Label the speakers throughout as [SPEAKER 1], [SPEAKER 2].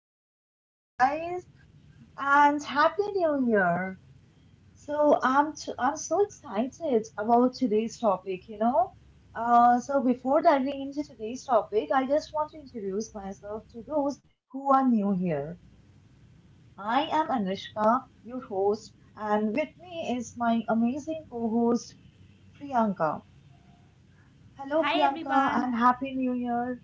[SPEAKER 1] Welcome back, guys, and happy new year. So I'm so excited about today's topic. So before diving into today's topic, I just want to introduce myself to those who are new here. I am Anushka, your host, and with me is my amazing co-host Priyanka. Hello,
[SPEAKER 2] Hi
[SPEAKER 1] Priyanka, and
[SPEAKER 2] everyone.
[SPEAKER 1] happy new year.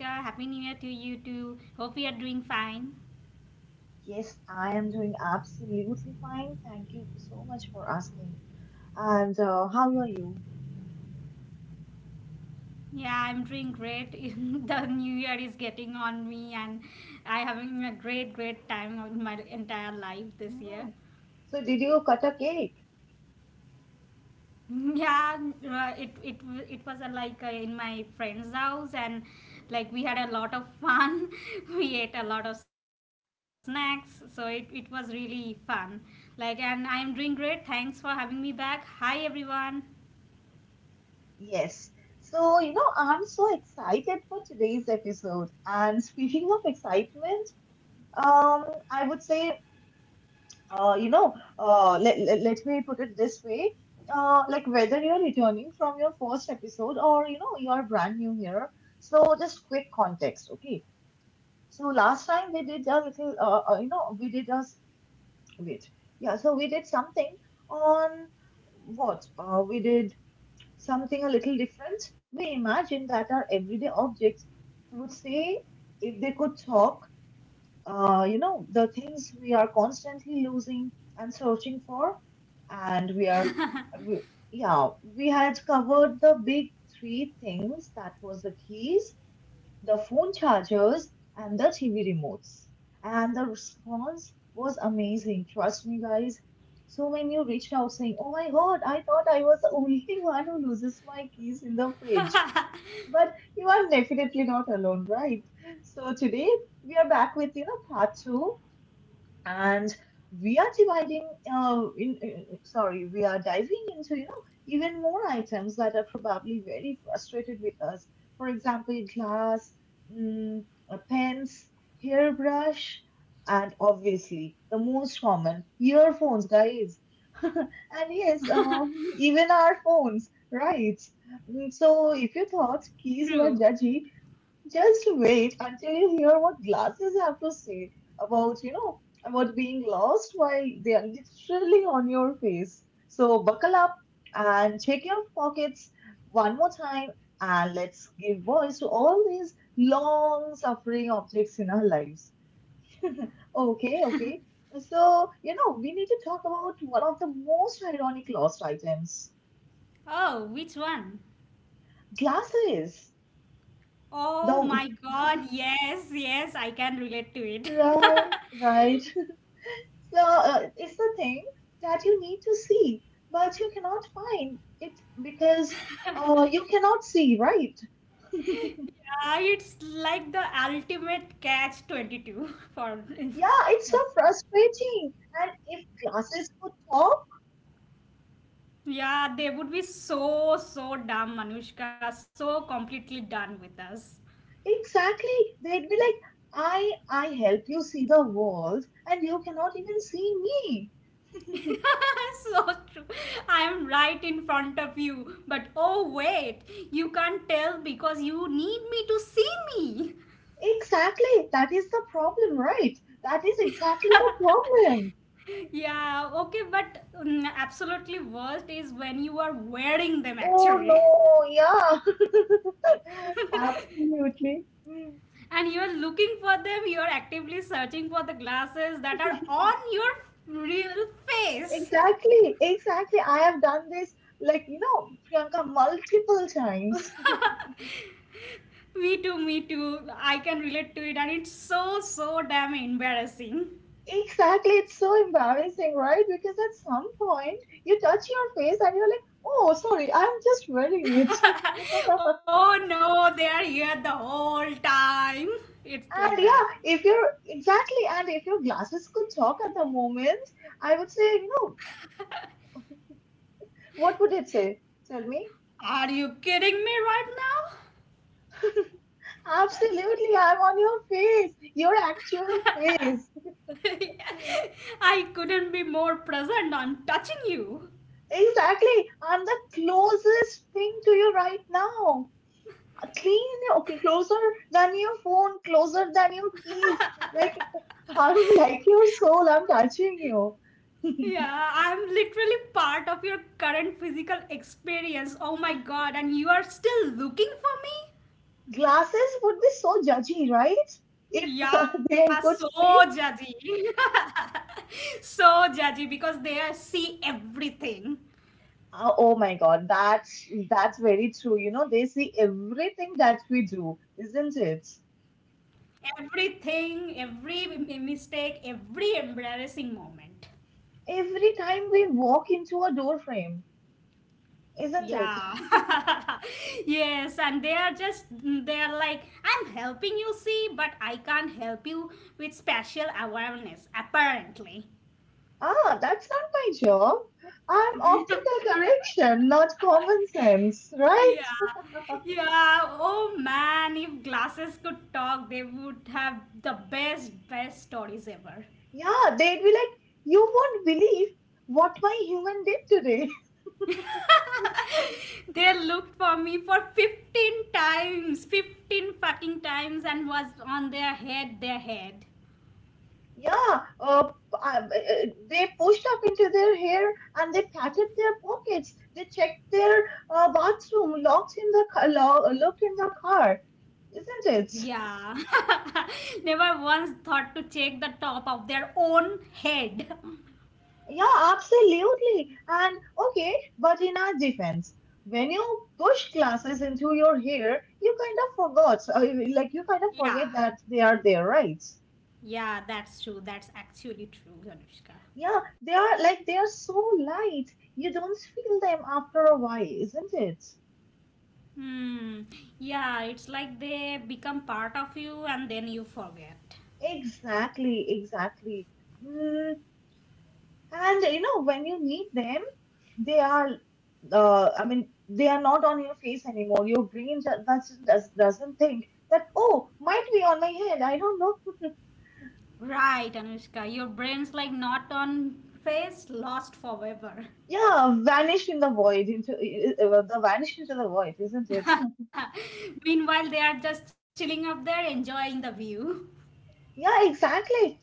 [SPEAKER 2] Hi Anushka. Happy New Year to you too. Hope you are doing fine.
[SPEAKER 1] Yes, I am doing absolutely fine. Thank you so much for asking. And how are you?
[SPEAKER 2] Yeah, I'm doing great. The new year is getting on me and I having a great time in my entire life this year.
[SPEAKER 1] Mm. So, did you cut a cake?
[SPEAKER 2] Yeah, it was a, in my friend's house and like we had a lot of fun. We ate a lot of snacks, so it was really fun. Like and I am doing great. Thanks for having me back. Hi everyone.
[SPEAKER 1] Yes. So, you know, I'm so excited for today's episode. And speaking of excitement, um, I would say, uh, you know, let me put it this way. Like whether you're returning from your first episode or, you know, you're brand new here. So, just quick context, okay? So last time we did a little, we did a s- wait, yeah. So we did something on what? We did something a little different. We imagined that our everyday objects would say if they could talk. The things we are constantly losing and searching for, and we, yeah, we had covered the big three things. That was the keys, the phone chargers, and the TV remotes. And the response was amazing. Trust me, guys. So when you reached out saying, oh my god, I thought I was the only one who loses my keys in the fridge. But you are definitely not alone, right? So today we are back with, you know, part two, and we are dividing in- sorry we are diving into, you know, even more items that are probably very frustrated with us, for example glass, mm, pens, hairbrush, and obviously the most common, earphones, guys, and yes, even our phones, right? Mm, so if you thought
[SPEAKER 2] True.
[SPEAKER 1] keys were judgy, just wait until you hear what glasses have to say about, you know, about being lost while they are literally on your face. So buckle up and check your pockets one more time and let's give voice to all these long suffering objects in our lives. Okay, okay. So, you know, we need to talk about one of the most ironic lost items.
[SPEAKER 2] Oh, which one?
[SPEAKER 1] Glasses.
[SPEAKER 2] Oh
[SPEAKER 1] The
[SPEAKER 2] my god, yes, yes, I can relate to it.
[SPEAKER 1] right, right. So it's the thing that you need to see, but you cannot find it because you cannot see, right?
[SPEAKER 2] yeah, it's like the ultimate catch 22 for
[SPEAKER 1] Yeah, it's so frustrating. And if glasses could talk,
[SPEAKER 2] yeah, they would be so so dumb, Manushka, so completely done with us.
[SPEAKER 1] exactly, they'd be like, I help you see the world, and you cannot even see me.
[SPEAKER 2] So true. I am right in front of you, but oh wait, you can't tell because you need me to see me.
[SPEAKER 1] Exactly, that is the problem, right? That is exactly the problem.
[SPEAKER 2] Yeah okay but absolutely worst is when you are wearing them
[SPEAKER 1] Oh
[SPEAKER 2] actually.
[SPEAKER 1] no, yeah, absolutely. Hmm.
[SPEAKER 2] And you are looking for them, you are actively searching for the glasses that are on your real face.
[SPEAKER 1] Exactly, exactly. I have done this, like, you know, Priyanka, multiple times.
[SPEAKER 2] Me too. I can relate to it and it's so damn embarrassing.
[SPEAKER 1] Exactly. It's so embarrassing, right? Because at some point you touch your face and you're like, oh, sorry, I'm just wearing it.
[SPEAKER 2] Oh no, they are here the whole time. It's like
[SPEAKER 1] And
[SPEAKER 2] that.
[SPEAKER 1] yeah, if you're exactly, and if your glasses could talk at the moment, I would say, you know, what would it say? Tell me.
[SPEAKER 2] Are you kidding me right now?
[SPEAKER 1] Absolutely, I'm on your face, your actual face.
[SPEAKER 2] I couldn't be more present on touching you.
[SPEAKER 1] Exactly. I'm the closest thing to you right now. Clean, okay, closer than your phone, closer than your keys. Like, I'm like your soul, I'm touching you.
[SPEAKER 2] Yeah, I'm literally part of your current physical experience. Oh my god, and you are still looking for me?
[SPEAKER 1] Glasses would be so judgy, right? If they
[SPEAKER 2] Yeah,
[SPEAKER 1] could
[SPEAKER 2] so
[SPEAKER 1] speak.
[SPEAKER 2] judgy. So judgy because they are- see everything.
[SPEAKER 1] Oh my God, that's very true. You know, they see everything that we do, isn't it?
[SPEAKER 2] Everything, every m- mistake, every embarrassing moment.
[SPEAKER 1] Every time we walk into a door frame, isn't it?
[SPEAKER 2] Yeah. Yes, and they are just they are like I'm helping you see, but I can't help you with special awareness apparently.
[SPEAKER 1] Ah, that's not my job. I'm optical correction, not common sense, right?
[SPEAKER 2] Yeah. Yeah. Oh man, if glasses could talk, they would have the best stories ever.
[SPEAKER 1] Yeah, they'd be like, you won't believe what my human did today.
[SPEAKER 2] They looked for me for 15 times, 15 fucking times and was on their head.
[SPEAKER 1] Yeah, they pushed up into their hair and they patted their pockets. They checked their bathroom, locked in the car, looked in the car, isn't it?
[SPEAKER 2] Yeah. Never once thought to check the top of their own head.
[SPEAKER 1] Yeah, absolutely. And okay, but in our defense, when you push glasses into your hair, you kind of forgot, like you kind of forget
[SPEAKER 2] Yeah.
[SPEAKER 1] that they are there, right?
[SPEAKER 2] Yeah, that's true. That's actually true, Anushka.
[SPEAKER 1] Yeah, they are like they are so light. You don't feel them after a while, isn't it?
[SPEAKER 2] Hmm. Yeah, it's like they become part of you and then you forget.
[SPEAKER 1] Exactly, exactly. Mm, and you know, when you need them, they are, I mean, they are not on your face anymore. Your brain doesn't think that, oh, might be on my head. I don't know.
[SPEAKER 2] Right, Anushka. Your brain's like not on face, lost forever.
[SPEAKER 1] Yeah, vanished in the void, into the vanished into the void, isn't it?
[SPEAKER 2] Meanwhile, they are just chilling up there, enjoying the view.
[SPEAKER 1] Yeah, exactly.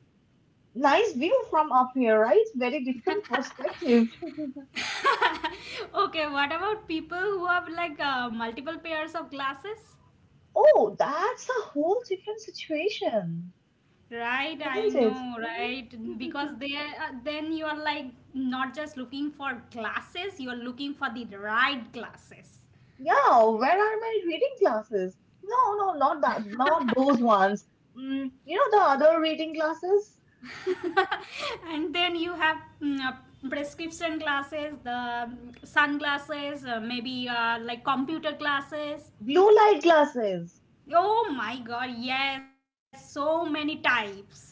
[SPEAKER 1] Nice view from up here, right? Very different perspective.
[SPEAKER 2] Okay, what about people who have multiple pairs of glasses?
[SPEAKER 1] Oh, that's a whole different situation,
[SPEAKER 2] Right, I
[SPEAKER 1] isn't it?
[SPEAKER 2] know,
[SPEAKER 1] Mhm.
[SPEAKER 2] right? Because they then you are like not just looking for glasses, you are looking for the right glasses.
[SPEAKER 1] Yeah, where are my reading classes? No, no, not that, not those ones. Mm, you know the other reading classes?
[SPEAKER 2] And then you have prescription glasses, the sunglasses, maybe like computer glasses.
[SPEAKER 1] Blue light classes.
[SPEAKER 2] Oh my god, yes, so many types.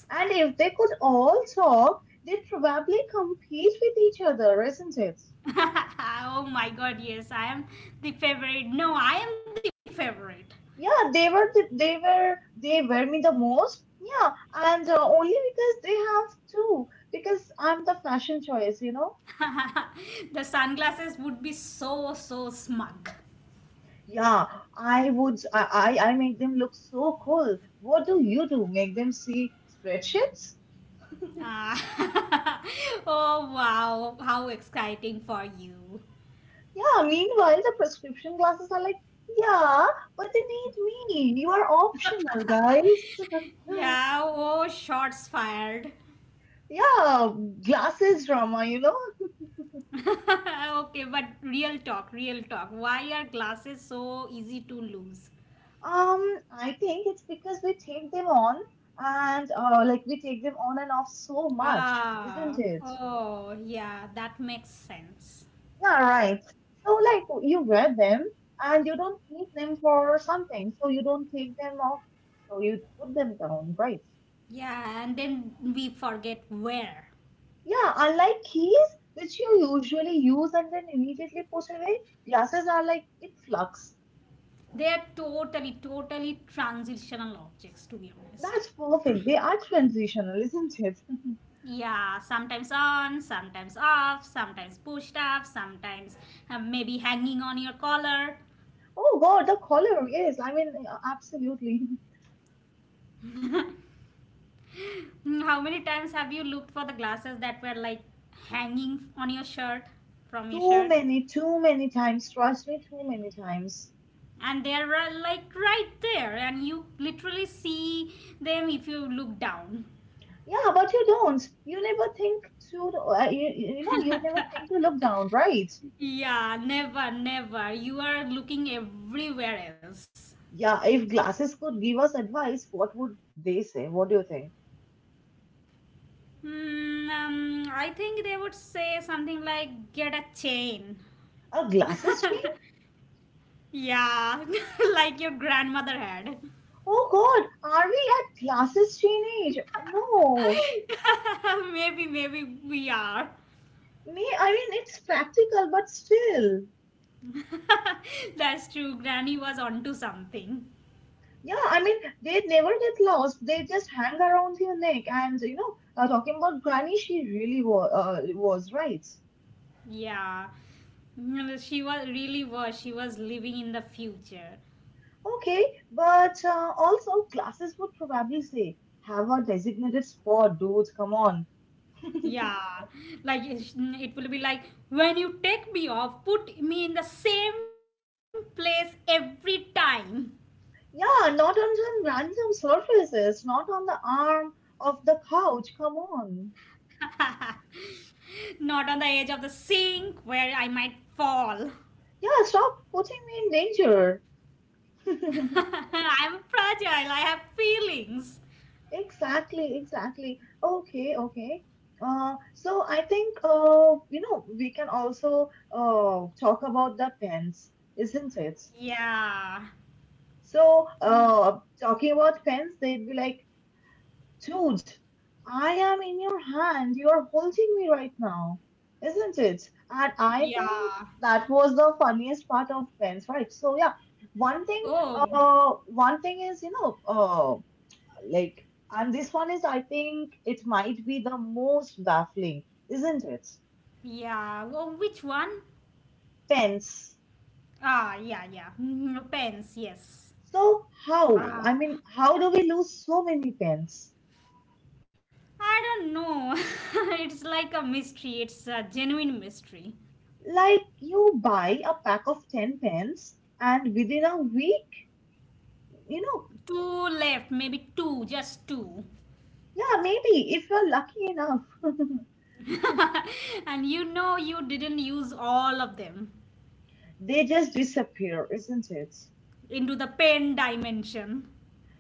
[SPEAKER 1] And if they could all talk, they'd probably compete with each other, isn't it?
[SPEAKER 2] Oh my god, yes, I am the favorite. No, I am the favorite.
[SPEAKER 1] Yeah, they were me the most. Yeah, and only because they have two, because I'm the fashion choice, you know?
[SPEAKER 2] The sunglasses would be so so smug.
[SPEAKER 1] Yeah, I would, I make them look so cool. What do you do? Make them see spreadsheets?
[SPEAKER 2] Ah, oh wow, how exciting for you.
[SPEAKER 1] Yeah, meanwhile, the prescription glasses are like, yeah, but they need me. You are optional, guys.
[SPEAKER 2] Yeah, oh, shots fired.
[SPEAKER 1] Yeah, glasses drama, you know.
[SPEAKER 2] Okay, but real talk, real talk. Why are glasses so easy to lose?
[SPEAKER 1] I think it's because we take them on and like we take them on and off so much, isn't
[SPEAKER 2] Ah,
[SPEAKER 1] it?
[SPEAKER 2] oh, yeah, that makes sense.
[SPEAKER 1] Yeah, right. So like you wear them and you don't need them for something, so you don't take them off, so you put them down, right?
[SPEAKER 2] Yeah, and then we forget where.
[SPEAKER 1] Yeah, unlike keys, which you usually use and then immediately put away, glasses are like in flux.
[SPEAKER 2] They are totally transitional objects, to be honest.
[SPEAKER 1] That's perfect. They are transitional, isn't it?
[SPEAKER 2] Yeah, sometimes on, sometimes off, sometimes pushed up, sometimes maybe hanging on your collar.
[SPEAKER 1] Oh God, the color. Yes, I mean, yeah, absolutely.
[SPEAKER 2] Mm, how many times have you looked for the glasses that were like hanging on your shirt from your shirt?
[SPEAKER 1] Too many times. Trust me, too many times.
[SPEAKER 2] And they are like right there, and you literally see them if you look down.
[SPEAKER 1] Yeah, but you don't. You never think to, you know, you never think to look down, right?
[SPEAKER 2] Yeah, never, never. You are looking everywhere else.
[SPEAKER 1] Yeah, if glasses could give us advice, what would they say? What do you think?
[SPEAKER 2] Hmm, I think they would say something like, get a chain.
[SPEAKER 1] Are glasses?
[SPEAKER 2] Yeah, like your grandmother had.
[SPEAKER 1] Oh God, are we at glasses chain age? No.
[SPEAKER 2] Maybe, maybe we are.
[SPEAKER 1] Me, I mean, it's practical, but still.
[SPEAKER 2] That's true. Granny was onto something.
[SPEAKER 1] Yeah, I mean, they never get lost. They just hang around your neck. And, you know, talking about Granny, she really was right.
[SPEAKER 2] Yeah. No, she was really was. She was living in the future.
[SPEAKER 1] Okay, but also, glasses would probably say, have a designated spot, dudes, come on.
[SPEAKER 2] Yeah. Like it will be like when you take me off, put me in the same place every time.
[SPEAKER 1] Yeah, not on some random surfaces, not on the arm of the couch, come on.
[SPEAKER 2] Not on the edge of the sink where I might fall.
[SPEAKER 1] Yeah, stop putting me in danger.
[SPEAKER 2] I'm fragile. I have feelings.
[SPEAKER 1] Exactly, exactly. Okay, okay. So I think, you know, we can also talk about the pens, isn't it?
[SPEAKER 2] Yeah.
[SPEAKER 1] So
[SPEAKER 2] Mm.
[SPEAKER 1] talking about pens, they'd be like, dude, I am in your hand. You are holding me right now, isn't it? And I think
[SPEAKER 2] Yeah.
[SPEAKER 1] that was the funniest part of pens, right? So yeah, one thing,
[SPEAKER 2] Oh,
[SPEAKER 1] one thing is, you know, Like, and this one is, I think, it might be the most baffling, isn't it?
[SPEAKER 2] yeah. Oh, which one?
[SPEAKER 1] Pens.
[SPEAKER 2] Ah, yeah, yeah. Mm, pens, yes.
[SPEAKER 1] So, how? I mean,
[SPEAKER 2] Ah,
[SPEAKER 1] how do we lose so many pens?
[SPEAKER 2] I don't know. It's like a mystery. It's a genuine mystery.
[SPEAKER 1] Like, you buy a pack of 10 pens, and within a week, you know,
[SPEAKER 2] Two left, maybe two, just two.
[SPEAKER 1] yeah, maybe if you're lucky enough,
[SPEAKER 2] And you know you didn't use all of them
[SPEAKER 1] they just disappear, isn't it?
[SPEAKER 2] into the pen dimension.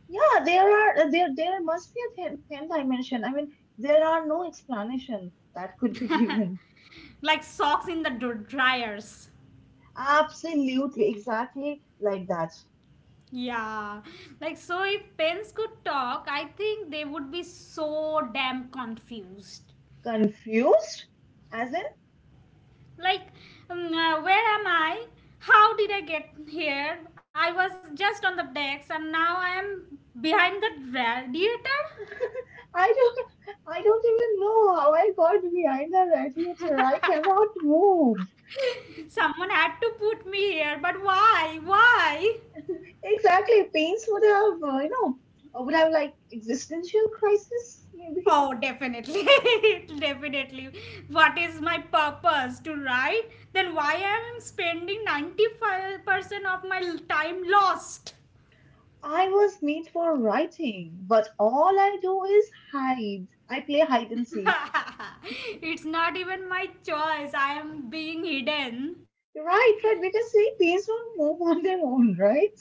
[SPEAKER 1] Yeah, there are there there must be a pen dimension. I mean, there are no explanation that could be given.
[SPEAKER 2] Like socks in the dr- dryers.
[SPEAKER 1] Absolutely, exactly like that.
[SPEAKER 2] Yeah, like so if pens could talk, I think they would be so damn confused.
[SPEAKER 1] Confused? As in,
[SPEAKER 2] Like, where am I? How did I get here? I was just on the decks and now I am behind the radiator?
[SPEAKER 1] I don't, I don't even know how I got behind the radiator. I cannot move.
[SPEAKER 2] Someone had to put me here, but why? Why?
[SPEAKER 1] Exactly, Pains would have, would have like existential crisis. Maybe
[SPEAKER 2] Oh, definitely. Definitely. What is my purpose to write? Then why am I spending 95% of my time lost?
[SPEAKER 1] I was made for writing, but all I do is hide. I play hide and seek.
[SPEAKER 2] It's not even my choice. I am being hidden.
[SPEAKER 1] Right, right, because see, Pains won't move on their own, right?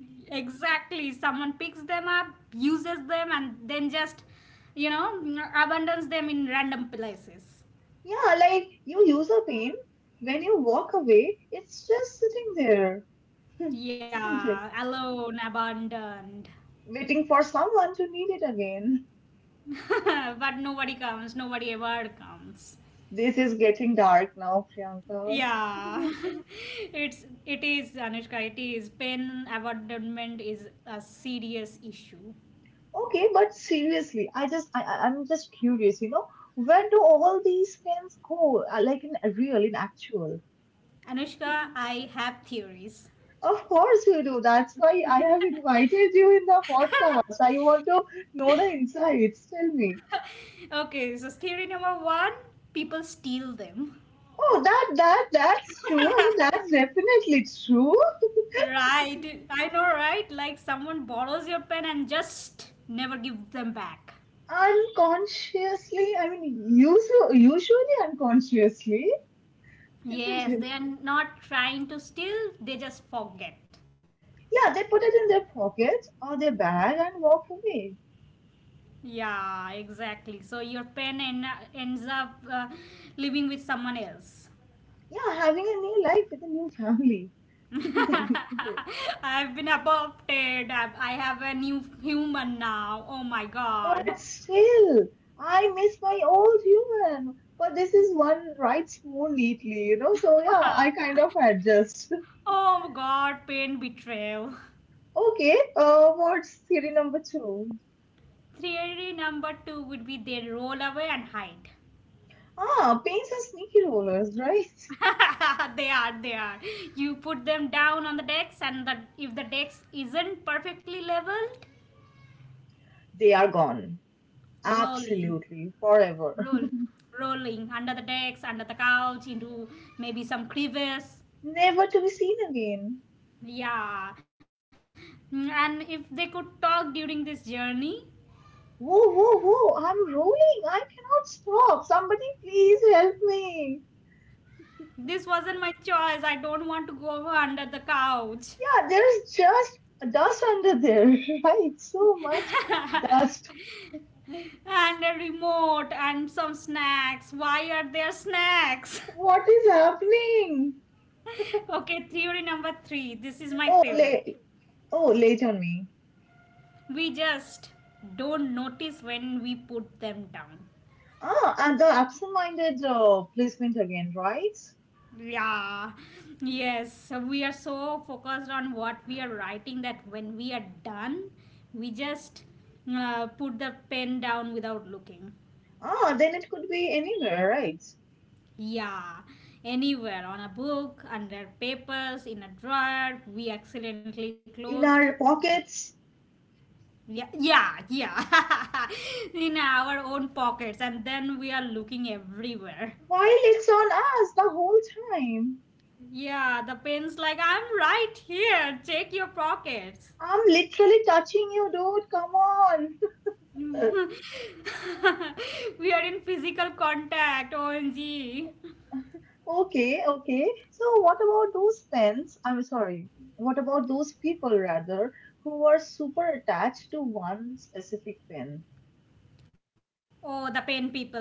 [SPEAKER 2] Exactly. Someone picks them up, uses them, and then just, you know, abandons them in random places.
[SPEAKER 1] Yeah, like you use a pen. When you walk away, it's just sitting there, isn't
[SPEAKER 2] Yeah,
[SPEAKER 1] it?
[SPEAKER 2] alone, abandoned.
[SPEAKER 1] Waiting for someone to need it again.
[SPEAKER 2] But nobody comes, nobody ever comes.
[SPEAKER 1] This is getting dark now, Priyanka.
[SPEAKER 2] Yeah, it's it is Anushka. It is pen abandonment is a serious issue.
[SPEAKER 1] Okay, but seriously, I'm just curious, you know, where do all these pens go? Like in real, in actual.
[SPEAKER 2] Anushka, I have theories.
[SPEAKER 1] Of course you do. That's why I have invited you in the podcast. I want to know the insights. Tell me.
[SPEAKER 2] Okay, so theory number one, people steal them.
[SPEAKER 1] Oh, that's true. I mean, that's definitely true.
[SPEAKER 2] Right, I know, right? Like someone borrows your pen and just never give them back.
[SPEAKER 1] Unconsciously, I mean, usually, usually unconsciously, isn't
[SPEAKER 2] Yes,
[SPEAKER 1] it?
[SPEAKER 2] they are not trying to steal, they just forget.
[SPEAKER 1] Yeah, they put it in their pocket or their bag and walk away.
[SPEAKER 2] Yeah, exactly. So your ends up living with someone else.
[SPEAKER 1] Yeah, having a new life with a new family, isn't it?
[SPEAKER 2] I've been adopted. I have a new human now. Oh my
[SPEAKER 1] But
[SPEAKER 2] god.
[SPEAKER 1] still, I miss my old human. But this is one writes more neatly, you know. So yeah, I kind of adjust.
[SPEAKER 2] Oh god, pain betrayal.
[SPEAKER 1] Okay, what's theory number two?
[SPEAKER 2] Theory number two would be they roll away and hide.
[SPEAKER 1] Ah, paints are sneaky rollers, right?
[SPEAKER 2] They are. You put them down on the decks, and if the decks isn't perfectly leveled,
[SPEAKER 1] They are gone.
[SPEAKER 2] rolling,
[SPEAKER 1] Absolutely. Forever.
[SPEAKER 2] roll, rolling under the decks, under the couch, into maybe some crevice.
[SPEAKER 1] Never to be seen again.
[SPEAKER 2] Yeah. Mm, and if they could talk during this journey,
[SPEAKER 1] Whoa, whoa, whoa. I'm rolling. I cannot stop. Somebody please help me.
[SPEAKER 2] this wasn't my choice. I don't want to go under the couch.
[SPEAKER 1] Yeah, there's just dust under there, right? So much dust.
[SPEAKER 2] And a remote and some snacks. Why are there snacks?
[SPEAKER 1] What is happening?
[SPEAKER 2] Okay, theory number three. This is my
[SPEAKER 1] Oh,
[SPEAKER 2] favorite.
[SPEAKER 1] lay, oh, late on me.
[SPEAKER 2] We just don't notice when we put them down.
[SPEAKER 1] Ah, and the absent-minded placement again, right?
[SPEAKER 2] Yeah, yes. So we are so focused on what we are writing that when we are done, we just put the pen down without looking.
[SPEAKER 1] Ah, then it could be anywhere, right?
[SPEAKER 2] Yeah, anywhere on a book, under papers, in a drawer, we accidentally closed.
[SPEAKER 1] In our
[SPEAKER 2] Like,
[SPEAKER 1] pockets
[SPEAKER 2] Yeah. In our own pockets, and then we are looking everywhere.
[SPEAKER 1] while it's on us the whole time.
[SPEAKER 2] Yeah, the pen's like, I'm right here. Check your pockets.
[SPEAKER 1] I'm literally touching you, dude. Come on.
[SPEAKER 2] We are in physical contact, OMG.
[SPEAKER 1] Okay, okay. So, what about those pens? I'm sorry. What about those people, rather, who are super attached to one specific pen?
[SPEAKER 2] Oh, the pen people, you mean?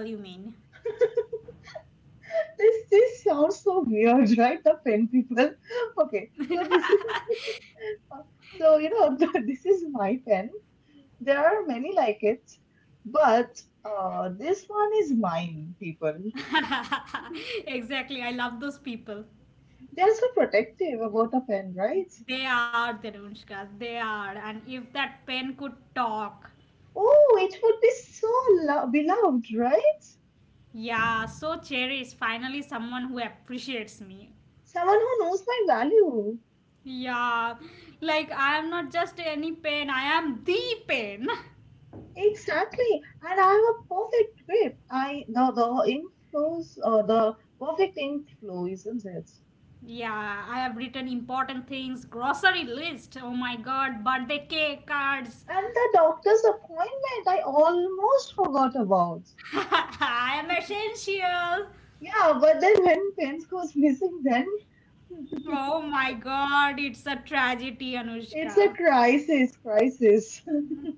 [SPEAKER 1] This sounds so weird, right? The pen people. Okay, so this is so you know this is my pen. There are many like it, but this one is mine, people.
[SPEAKER 2] Exactly, I love those people.
[SPEAKER 1] They're so protective about a pen, right?
[SPEAKER 2] They are, Dhanushka, they are. And if that pen could talk,
[SPEAKER 1] Oh, it would be so beloved, right?
[SPEAKER 2] yeah, so cherish. Finally, someone who appreciates me.
[SPEAKER 1] Someone who knows my value.
[SPEAKER 2] Yeah, like I am not just any pen, I am the pen.
[SPEAKER 1] Exactly. And I have a perfect grip. The ink flows, the perfect ink flow, isn't it?
[SPEAKER 2] Yeah, I have written important things, grocery list, oh my god, birthday cake, cards.
[SPEAKER 1] And the doctor's appointment I almost forgot about.
[SPEAKER 2] I am essential.
[SPEAKER 1] Yeah, but then when pens goes missing, then
[SPEAKER 2] Oh my god, it's a tragedy,
[SPEAKER 1] it's a
[SPEAKER 2] Anushka.
[SPEAKER 1] crisis, crisis.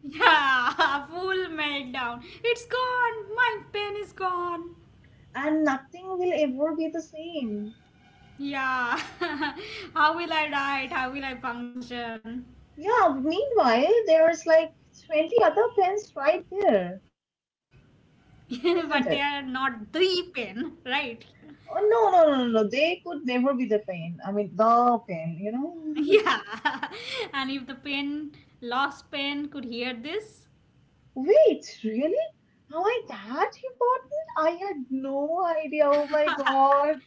[SPEAKER 2] Yeah, full meltdown. It's gone, my pen is gone.
[SPEAKER 1] And nothing will ever be the same.
[SPEAKER 2] Yeah, how will I write? How will I function?
[SPEAKER 1] Yeah, meanwhile, there's like 20 other pens right there,
[SPEAKER 2] But they are
[SPEAKER 1] isn't it?
[SPEAKER 2] not the pen, right?
[SPEAKER 1] Oh, no, no, no, no, no, they could never be the pen. I mean, the pen, you know?
[SPEAKER 2] Yeah. And if lost pen, could hear this,
[SPEAKER 1] Wait, really? Am I that important? I had no idea. Oh my god.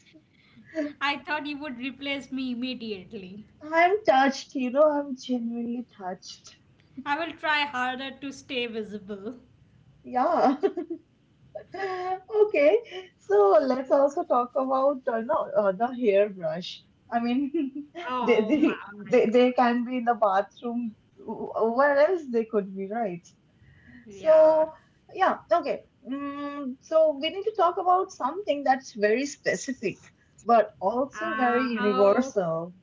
[SPEAKER 2] I thought you would replace me immediately.
[SPEAKER 1] I'm touched, I'm genuinely touched.
[SPEAKER 2] I will try harder to stay visible.
[SPEAKER 1] Yeah. Okay, so let's also talk about no, the hairbrush. I mean, they,
[SPEAKER 2] Oh
[SPEAKER 1] they
[SPEAKER 2] my
[SPEAKER 1] they
[SPEAKER 2] god.
[SPEAKER 1] they can be in the bathroom. Where else they could be, right?
[SPEAKER 2] Yeah.
[SPEAKER 1] So yeah, okay. So we need to talk about something that's very specific, but also very
[SPEAKER 2] Oh,
[SPEAKER 1] universal.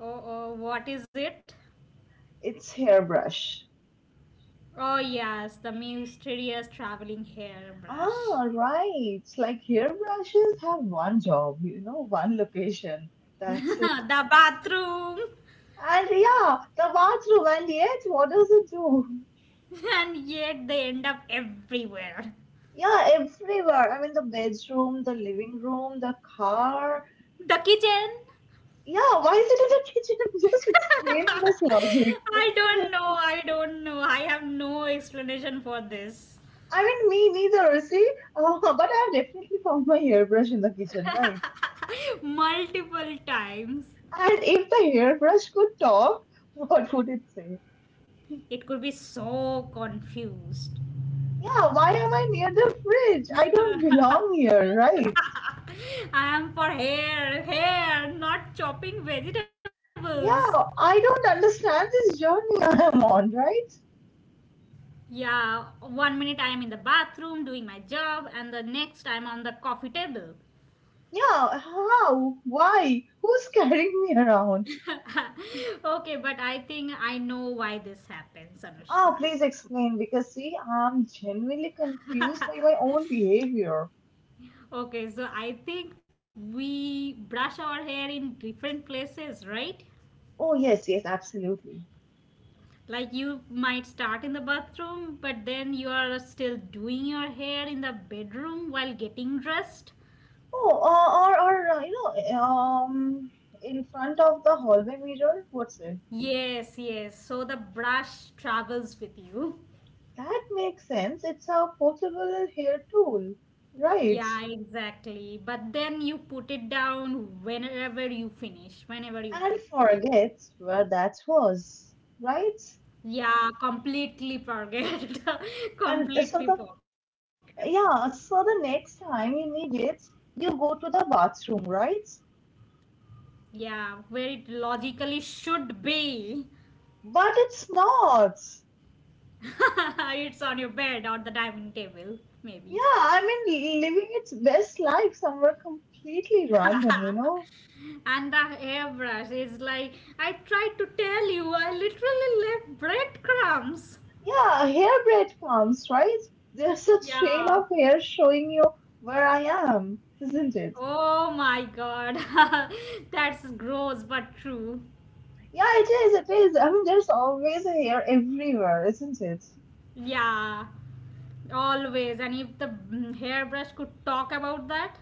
[SPEAKER 2] oh, oh, what is it?
[SPEAKER 1] It's hairbrush.
[SPEAKER 2] Oh, yes, the mysterious traveling hairbrush.
[SPEAKER 1] Ah, right. Like hairbrushes have one job, one location. That's
[SPEAKER 2] The bathroom.
[SPEAKER 1] And yeah, the bathroom, and yet, what does it do?
[SPEAKER 2] And yet they end up everywhere.
[SPEAKER 1] Yeah, everywhere. I mean, the bedroom, the living room, the car.
[SPEAKER 2] The kitchen.
[SPEAKER 1] Yeah, why is it in the kitchen? I'm Just explain this logic.
[SPEAKER 2] I don't know. I don't know. I have no explanation for this.
[SPEAKER 1] I mean, me neither, see? But I've definitely found my hairbrush in the kitchen, right?
[SPEAKER 2] Multiple times.
[SPEAKER 1] And if the hairbrush could talk, what would it say?
[SPEAKER 2] It could be so confused.
[SPEAKER 1] Yeah, why am I near the fridge? I don't belong here, right?
[SPEAKER 2] I am for hair, not chopping vegetables.
[SPEAKER 1] Yeah, I don't understand this journey I am on, right?
[SPEAKER 2] Yeah, 1 minute I am in the bathroom doing my job, and the next I'm on the coffee table.
[SPEAKER 1] Yeah, how? Why? Who's carrying me around?
[SPEAKER 2] Okay, but I think I know why this happens, Anushka.
[SPEAKER 1] Ah, please explain because see, I'm genuinely confused by my own behavior.
[SPEAKER 2] Okay, so I think we brush our hair in different places, right?
[SPEAKER 1] Oh, yes, yes, absolutely.
[SPEAKER 2] Like you might start in the bathroom, but then you are still doing your hair in the bedroom while getting dressed.
[SPEAKER 1] Oh, or in front of the hallway mirror, what's it?
[SPEAKER 2] Yes, yes. So the brush travels with you.
[SPEAKER 1] That makes sense. It's a portable hair tool, right?
[SPEAKER 2] Yeah, exactly. But then you put it down whenever you
[SPEAKER 1] And
[SPEAKER 2] finish.
[SPEAKER 1] forgets where that was, right?
[SPEAKER 2] Yeah, completely forget.
[SPEAKER 1] And
[SPEAKER 2] Completely
[SPEAKER 1] so the
[SPEAKER 2] forget.
[SPEAKER 1] Yeah, so the next time you need it, you go to the bathroom, right?
[SPEAKER 2] Yeah, where it logically should be.
[SPEAKER 1] But it's not.
[SPEAKER 2] It's on your bed or the dining table,
[SPEAKER 1] Yeah,
[SPEAKER 2] maybe.
[SPEAKER 1] I mean, living its best life somewhere completely random, you know?
[SPEAKER 2] And the hairbrush is like, I tried to tell you, I literally left breadcrumbs.
[SPEAKER 1] Yeah, hair breadcrumbs, right? There's a trail
[SPEAKER 2] Yeah.
[SPEAKER 1] of hair showing you where I am, isn't it?
[SPEAKER 2] Oh my god. That's gross but true.
[SPEAKER 1] Yeah, it is, it is. I mean, there's always a hair everywhere, isn't it?
[SPEAKER 2] Yeah. Always. And if the hairbrush could talk about that,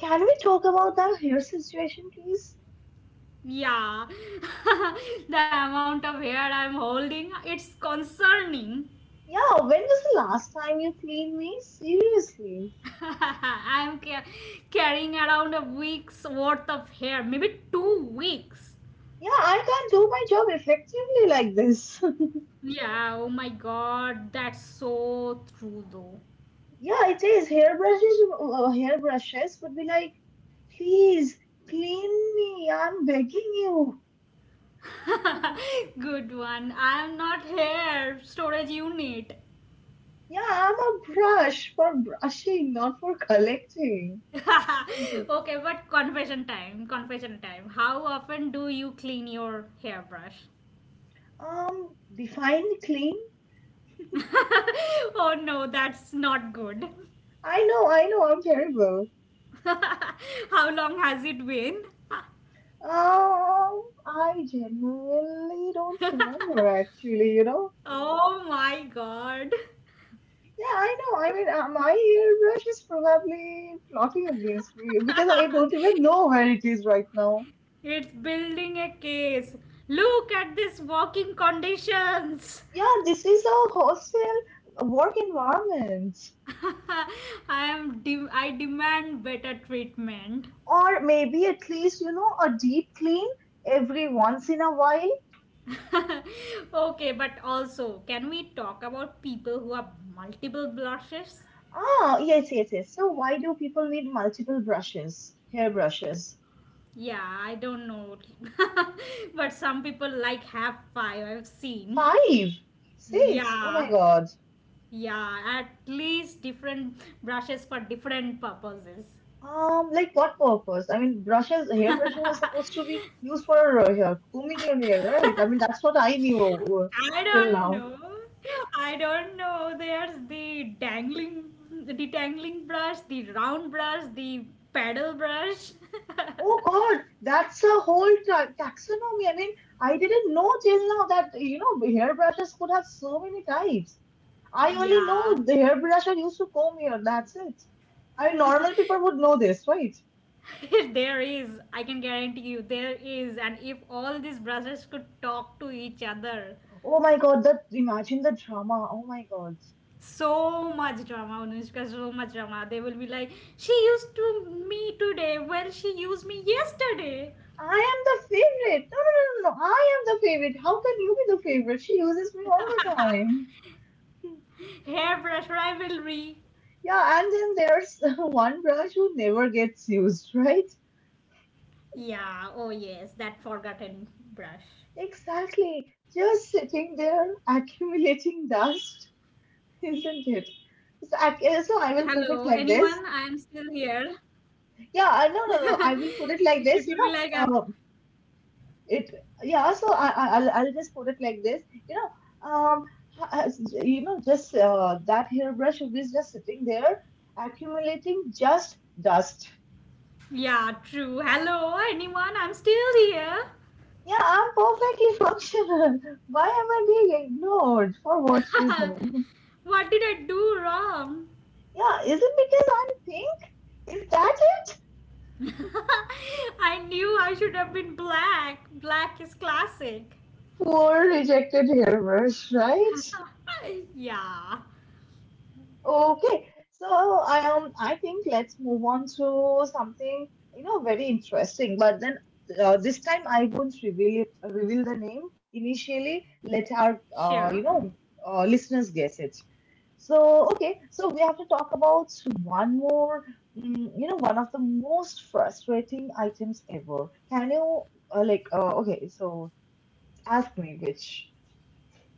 [SPEAKER 1] Can we talk about that hair situation, please?
[SPEAKER 2] yeah. The amount of hair I'm holding, it's concerning.
[SPEAKER 1] Yeah, when was the last time you cleaned me? Seriously.
[SPEAKER 2] I'm ca- carrying around a week's worth of hair, maybe 2 weeks.
[SPEAKER 1] Yeah, I can't do my job effectively like this.
[SPEAKER 2] Yeah, oh my god, that's so true though.
[SPEAKER 1] Yeah, it is. Hairbrushes would be like, please clean me. I'm begging you.
[SPEAKER 2] Good one. I'm not hair storage unit.
[SPEAKER 1] Yeah, I'm a brush for brushing, not for collecting. Isn't it?
[SPEAKER 2] Okay, but confession time. How often do you clean your hairbrush?
[SPEAKER 1] Um, define clean.
[SPEAKER 2] Oh no, that's not good.
[SPEAKER 1] I know, I'm terrible.
[SPEAKER 2] How long has it been?
[SPEAKER 1] I generally don't remember actually, you know.
[SPEAKER 2] Oh my god.
[SPEAKER 1] Yeah, I know. I mean, my airbrush is probably plotting against me because I don't even know where it is right now.
[SPEAKER 2] It's building a case. Look at this walking conditions.
[SPEAKER 1] Yeah, this is a hostel work environment.
[SPEAKER 2] I demand better treatment.
[SPEAKER 1] Or maybe at least, a deep clean every once in a while.
[SPEAKER 2] Okay, but also, can we talk about people who have multiple blushes?
[SPEAKER 1] Ah, yes, yes, yes. So why do people need multiple brushes, hair brushes?
[SPEAKER 2] Yeah, I don't know. But some people like have five, I've seen.
[SPEAKER 1] Five, six. Oh my
[SPEAKER 2] Yeah.
[SPEAKER 1] God.
[SPEAKER 2] Yeah, at least different brushes for different purposes.
[SPEAKER 1] Like what purpose? I mean, brushes, hair brushes are supposed to be used for combing your hair, right? I mean, that's what I knew
[SPEAKER 2] I don't
[SPEAKER 1] till
[SPEAKER 2] know.
[SPEAKER 1] now.
[SPEAKER 2] I don't know. There's the dangling, the tangling brush, the round brush, the paddle brush.
[SPEAKER 1] Oh God, that's a whole ta taxonomy. I mean, I didn't know till now that hair brushes could have so many types. I only know
[SPEAKER 2] Yeah,
[SPEAKER 1] the hair brush are used to comb hair. That's it. I mean, normal people would know this, right?
[SPEAKER 2] there is. I can guarantee you, there is. And if all these brushes could talk to each other,
[SPEAKER 1] Oh my God, that imagine the drama. Oh my God.
[SPEAKER 2] so much drama, Anushka, so much drama. They will be like, she used to me today. Well, she used me yesterday.
[SPEAKER 1] I am the favorite. No, no, no, no, no. I am the favorite. How can you be the favorite? She uses me all the time.
[SPEAKER 2] Hairbrush rivalry.
[SPEAKER 1] Yeah, and then there's one brush who never gets used, right?
[SPEAKER 2] Yeah, oh yes, that forgotten brush.
[SPEAKER 1] Exactly. Just sitting there accumulating dust, isn't it? So I,
[SPEAKER 2] Hello,
[SPEAKER 1] so I will
[SPEAKER 2] anyone?
[SPEAKER 1] put
[SPEAKER 2] I
[SPEAKER 1] it
[SPEAKER 2] am
[SPEAKER 1] like
[SPEAKER 2] still
[SPEAKER 1] this.
[SPEAKER 2] here.
[SPEAKER 1] Yeah, no, no, no. I will
[SPEAKER 2] It
[SPEAKER 1] put it
[SPEAKER 2] will be
[SPEAKER 1] like
[SPEAKER 2] like
[SPEAKER 1] this.
[SPEAKER 2] a
[SPEAKER 1] You know, it yeah , so I'll just put it like this you know um you know just that hairbrush is just sitting there accumulating just dust.
[SPEAKER 2] yeah, true. Hello, anyone? I'm still here.
[SPEAKER 1] Yeah, I'm perfectly functional. Why am I being ignored? For what reason?
[SPEAKER 2] What did I do wrong?
[SPEAKER 1] Yeah, is it because I'm pink? Is that it?
[SPEAKER 2] I knew I should have been black. Black is classic.
[SPEAKER 1] Poor rejected hairbrush, right?
[SPEAKER 2] Yeah,
[SPEAKER 1] Okay, so I think let's move on to something very interesting. But then this time I won't reveal it, reveal the name initially. Let our
[SPEAKER 2] sure.
[SPEAKER 1] listeners guess it. So okay, so we have to talk about one more one of the most frustrating items ever. Can you like okay? So ask me which.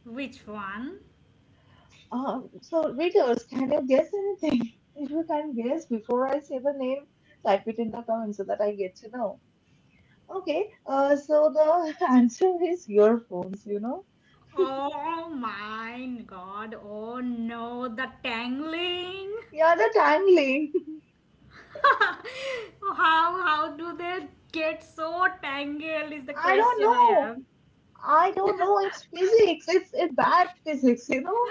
[SPEAKER 2] Which one?
[SPEAKER 1] So, readers, can you guess anything? If you can guess before I say the name, type it in the comments so that I get to know. Okay, so the answer is earphones, you know?
[SPEAKER 2] Oh my god, oh no, the tangling.
[SPEAKER 1] Yeah, the tangling.
[SPEAKER 2] How do they get so tangled is the
[SPEAKER 1] I don't
[SPEAKER 2] question I
[SPEAKER 1] know.
[SPEAKER 2] have.
[SPEAKER 1] I don't know. It's physics. It's bad physics, you know?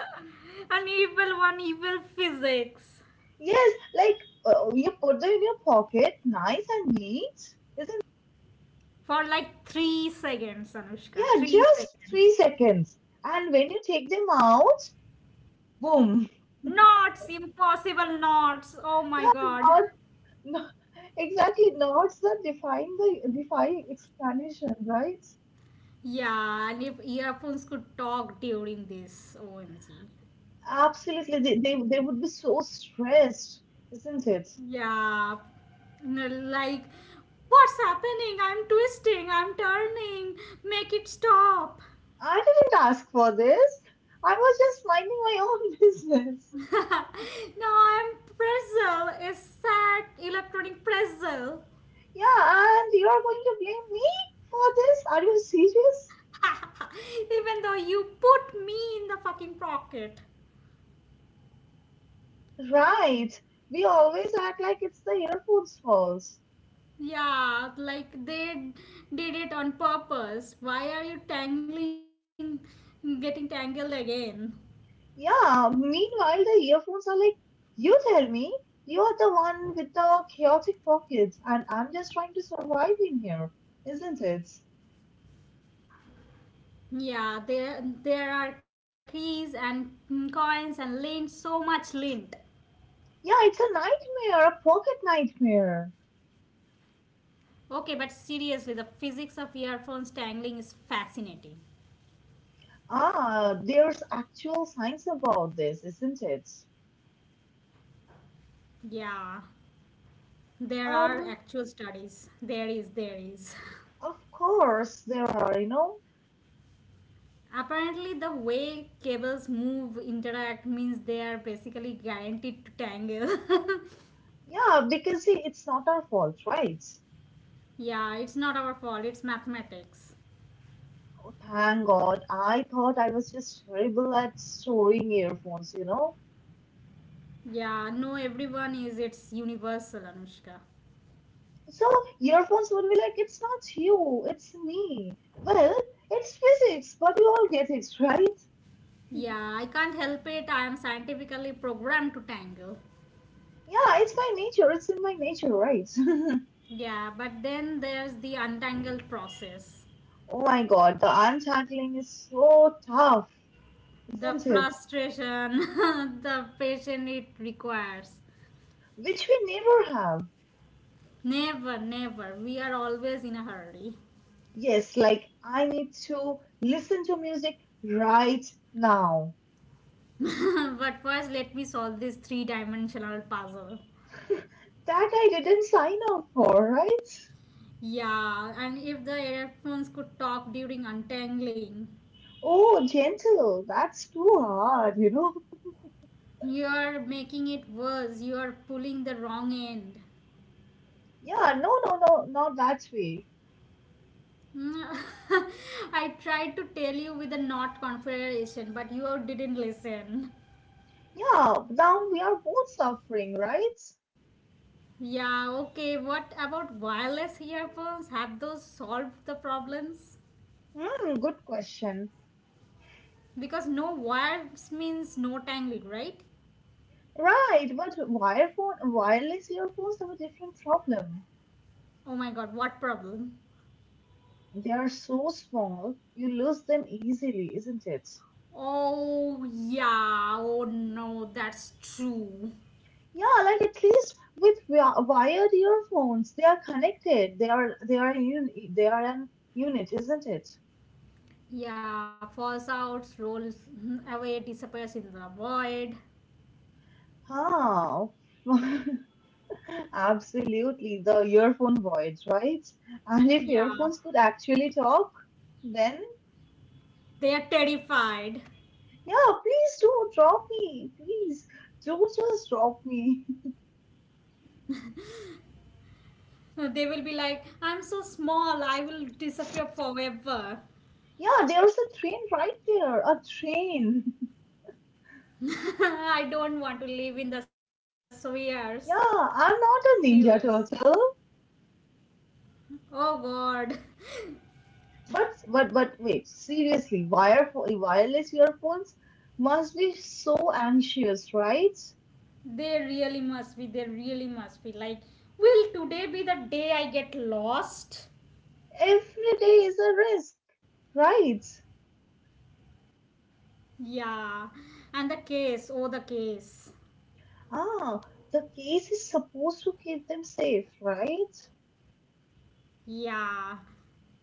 [SPEAKER 2] An evil one, evil physics
[SPEAKER 1] Yes, like you put them in your pocket, nice and neat, isn't
[SPEAKER 2] for like 3 seconds, Anushka.
[SPEAKER 1] yeah,
[SPEAKER 2] Three
[SPEAKER 1] just
[SPEAKER 2] seconds.
[SPEAKER 1] 3 seconds. And when you take them out, boom.
[SPEAKER 2] Knots, impossible knots. Oh my god.
[SPEAKER 1] Yeah, no, exactly. Knots that define the defy explanation, right?
[SPEAKER 2] Yeah, and if earphones could talk during this, OMG.
[SPEAKER 1] Absolutely. They would be so stressed, isn't it?
[SPEAKER 2] Yeah, like, what's happening? I'm twisting, I'm turning, make it stop.
[SPEAKER 1] I didn't ask for this. I was just minding my own business.
[SPEAKER 2] Now I'm pretzel is sad electronic pretzel.
[SPEAKER 1] Yeah, and you're going to blame me for this? Are you serious?
[SPEAKER 2] Even though you put me in the fucking pocket.
[SPEAKER 1] Right. We always act like it's the earphone's fault.
[SPEAKER 2] Yeah, like they did it on purpose. Why are you tangling, getting tangled again?
[SPEAKER 1] Yeah, meanwhile, the earphones are like, you tell me, you're the one with the chaotic pockets, and I'm just trying to survive in here, isn't it?
[SPEAKER 2] Yeah, there are keys and coins and lint, so much lint.
[SPEAKER 1] Yeah, it's a nightmare, a pocket nightmare.
[SPEAKER 2] Okay, but seriously, the physics of earphones tangling is fascinating.
[SPEAKER 1] Ah, there's actual science about this, isn't it?
[SPEAKER 2] Yeah. There are
[SPEAKER 1] Um,
[SPEAKER 2] actual studies. There is, there is.
[SPEAKER 1] of course there are.
[SPEAKER 2] Apparently, the way cables move, interact means they are basically guaranteed to tangle.
[SPEAKER 1] Yeah, because see, it's not our fault, right?
[SPEAKER 2] Yeah, it's not our fault, it's mathematics.
[SPEAKER 1] Oh, thank God. I thought I was just terrible at storing earphones.
[SPEAKER 2] Yeah, no, everyone is, it's universal, Anushka.
[SPEAKER 1] So earphones would be like, it's not you, it's me. Well, it's physics, but we all get it, right?
[SPEAKER 2] Yeah, I can't help it, I am scientifically programmed to tangle.
[SPEAKER 1] Yeah, it's my nature, it's in my nature, right?
[SPEAKER 2] Yeah, but then there's the untangled process,
[SPEAKER 1] Oh my god, the untangling is so tough,
[SPEAKER 2] the
[SPEAKER 1] isn't it?
[SPEAKER 2] frustration, the patience it requires.
[SPEAKER 1] Which we never have.
[SPEAKER 2] Never, never. We are always in a hurry.
[SPEAKER 1] Yes, like I need to listen to music right now.
[SPEAKER 2] But first, let me solve this three dimensional puzzle.
[SPEAKER 1] That I didn't sign up for, right?
[SPEAKER 2] Yeah, and if the earphones could talk during untangling,
[SPEAKER 1] Oh, gentle, that's too hard, you know?
[SPEAKER 2] you are making it worse. You are pulling the wrong end.
[SPEAKER 1] Yeah, no, no, no, not that way.
[SPEAKER 2] Mm, I tried to tell you with a not confederation, but you didn't listen.
[SPEAKER 1] Yeah, now we are both suffering, right?
[SPEAKER 2] Yeah, okay. What about wireless earphones? Have those solved the problems?
[SPEAKER 1] Hmm, good question.
[SPEAKER 2] Because no wires means no tangling, right?
[SPEAKER 1] Right, but wireless earphones have a different problem.
[SPEAKER 2] Oh my god, what problem?
[SPEAKER 1] They are so small, you lose them easily, isn't it?
[SPEAKER 2] Oh, yeah, oh no, that's true.
[SPEAKER 1] Yeah, like at least with wired earphones, they are connected. They are an unit, isn't it?
[SPEAKER 2] Yeah, falls out, rolls mm-hmm, away, disappears in the void.
[SPEAKER 1] Huh. Absolutely, the earphone void, right? And if
[SPEAKER 2] Yeah,
[SPEAKER 1] earphones could actually talk, then
[SPEAKER 2] they are terrified.
[SPEAKER 1] yeah, please do drop me. Please do just drop me.
[SPEAKER 2] They will be like, I'm so small, I will disappear forever.
[SPEAKER 1] Yeah, there's a train right there. A train.
[SPEAKER 2] I don't want to live in the sewers.
[SPEAKER 1] Yeah, I'm not
[SPEAKER 2] Sewers.
[SPEAKER 1] a ninja turtle.
[SPEAKER 2] Oh god.
[SPEAKER 1] But but wait, seriously, wireless earphones must be so anxious, right?
[SPEAKER 2] They really must be. They really must be. Like, will today be the day I get lost?
[SPEAKER 1] Every day is a risk, right?
[SPEAKER 2] Yeah. And the case. Oh, the case.
[SPEAKER 1] Ah, the case is supposed to keep them safe, right?
[SPEAKER 2] Yeah.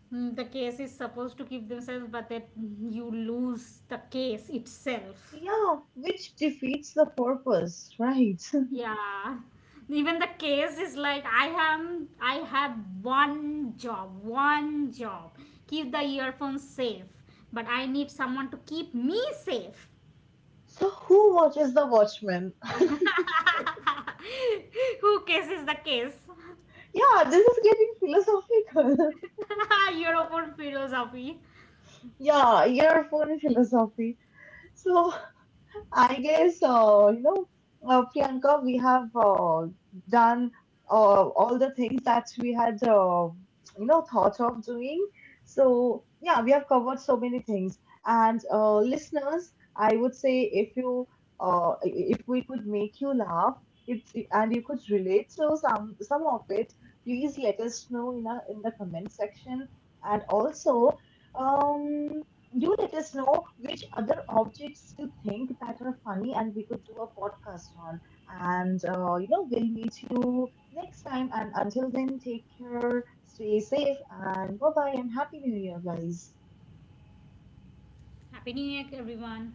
[SPEAKER 2] Mm, the case is supposed to keep themselves, but that you lose the case itself.
[SPEAKER 1] Yeah, which defeats the purpose, right?
[SPEAKER 2] Yeah. Even the case is like I have one job. Keep the earphones safe. But I need someone to keep me safe.
[SPEAKER 1] So, who watches The Watchmen? Yeah,
[SPEAKER 2] Who kisses the kiss?
[SPEAKER 1] this is getting philosophical.
[SPEAKER 2] Your own philosophy.
[SPEAKER 1] Yeah, year four in philosophy. So, I guess, Priyanka, we have done all the things that we had, thought of doing. So, yeah, we have covered so many things. And listeners, I would say if if we could make you laugh, and you could relate to some of it, please let us know in the comment section. And also, um, you let us know which other objects you think that are funny and we could do a podcast on. And, we'll meet you next time. And until then, take care, stay safe, and bye bye, and Happy New Year, guys.
[SPEAKER 2] Happy New Year, everyone.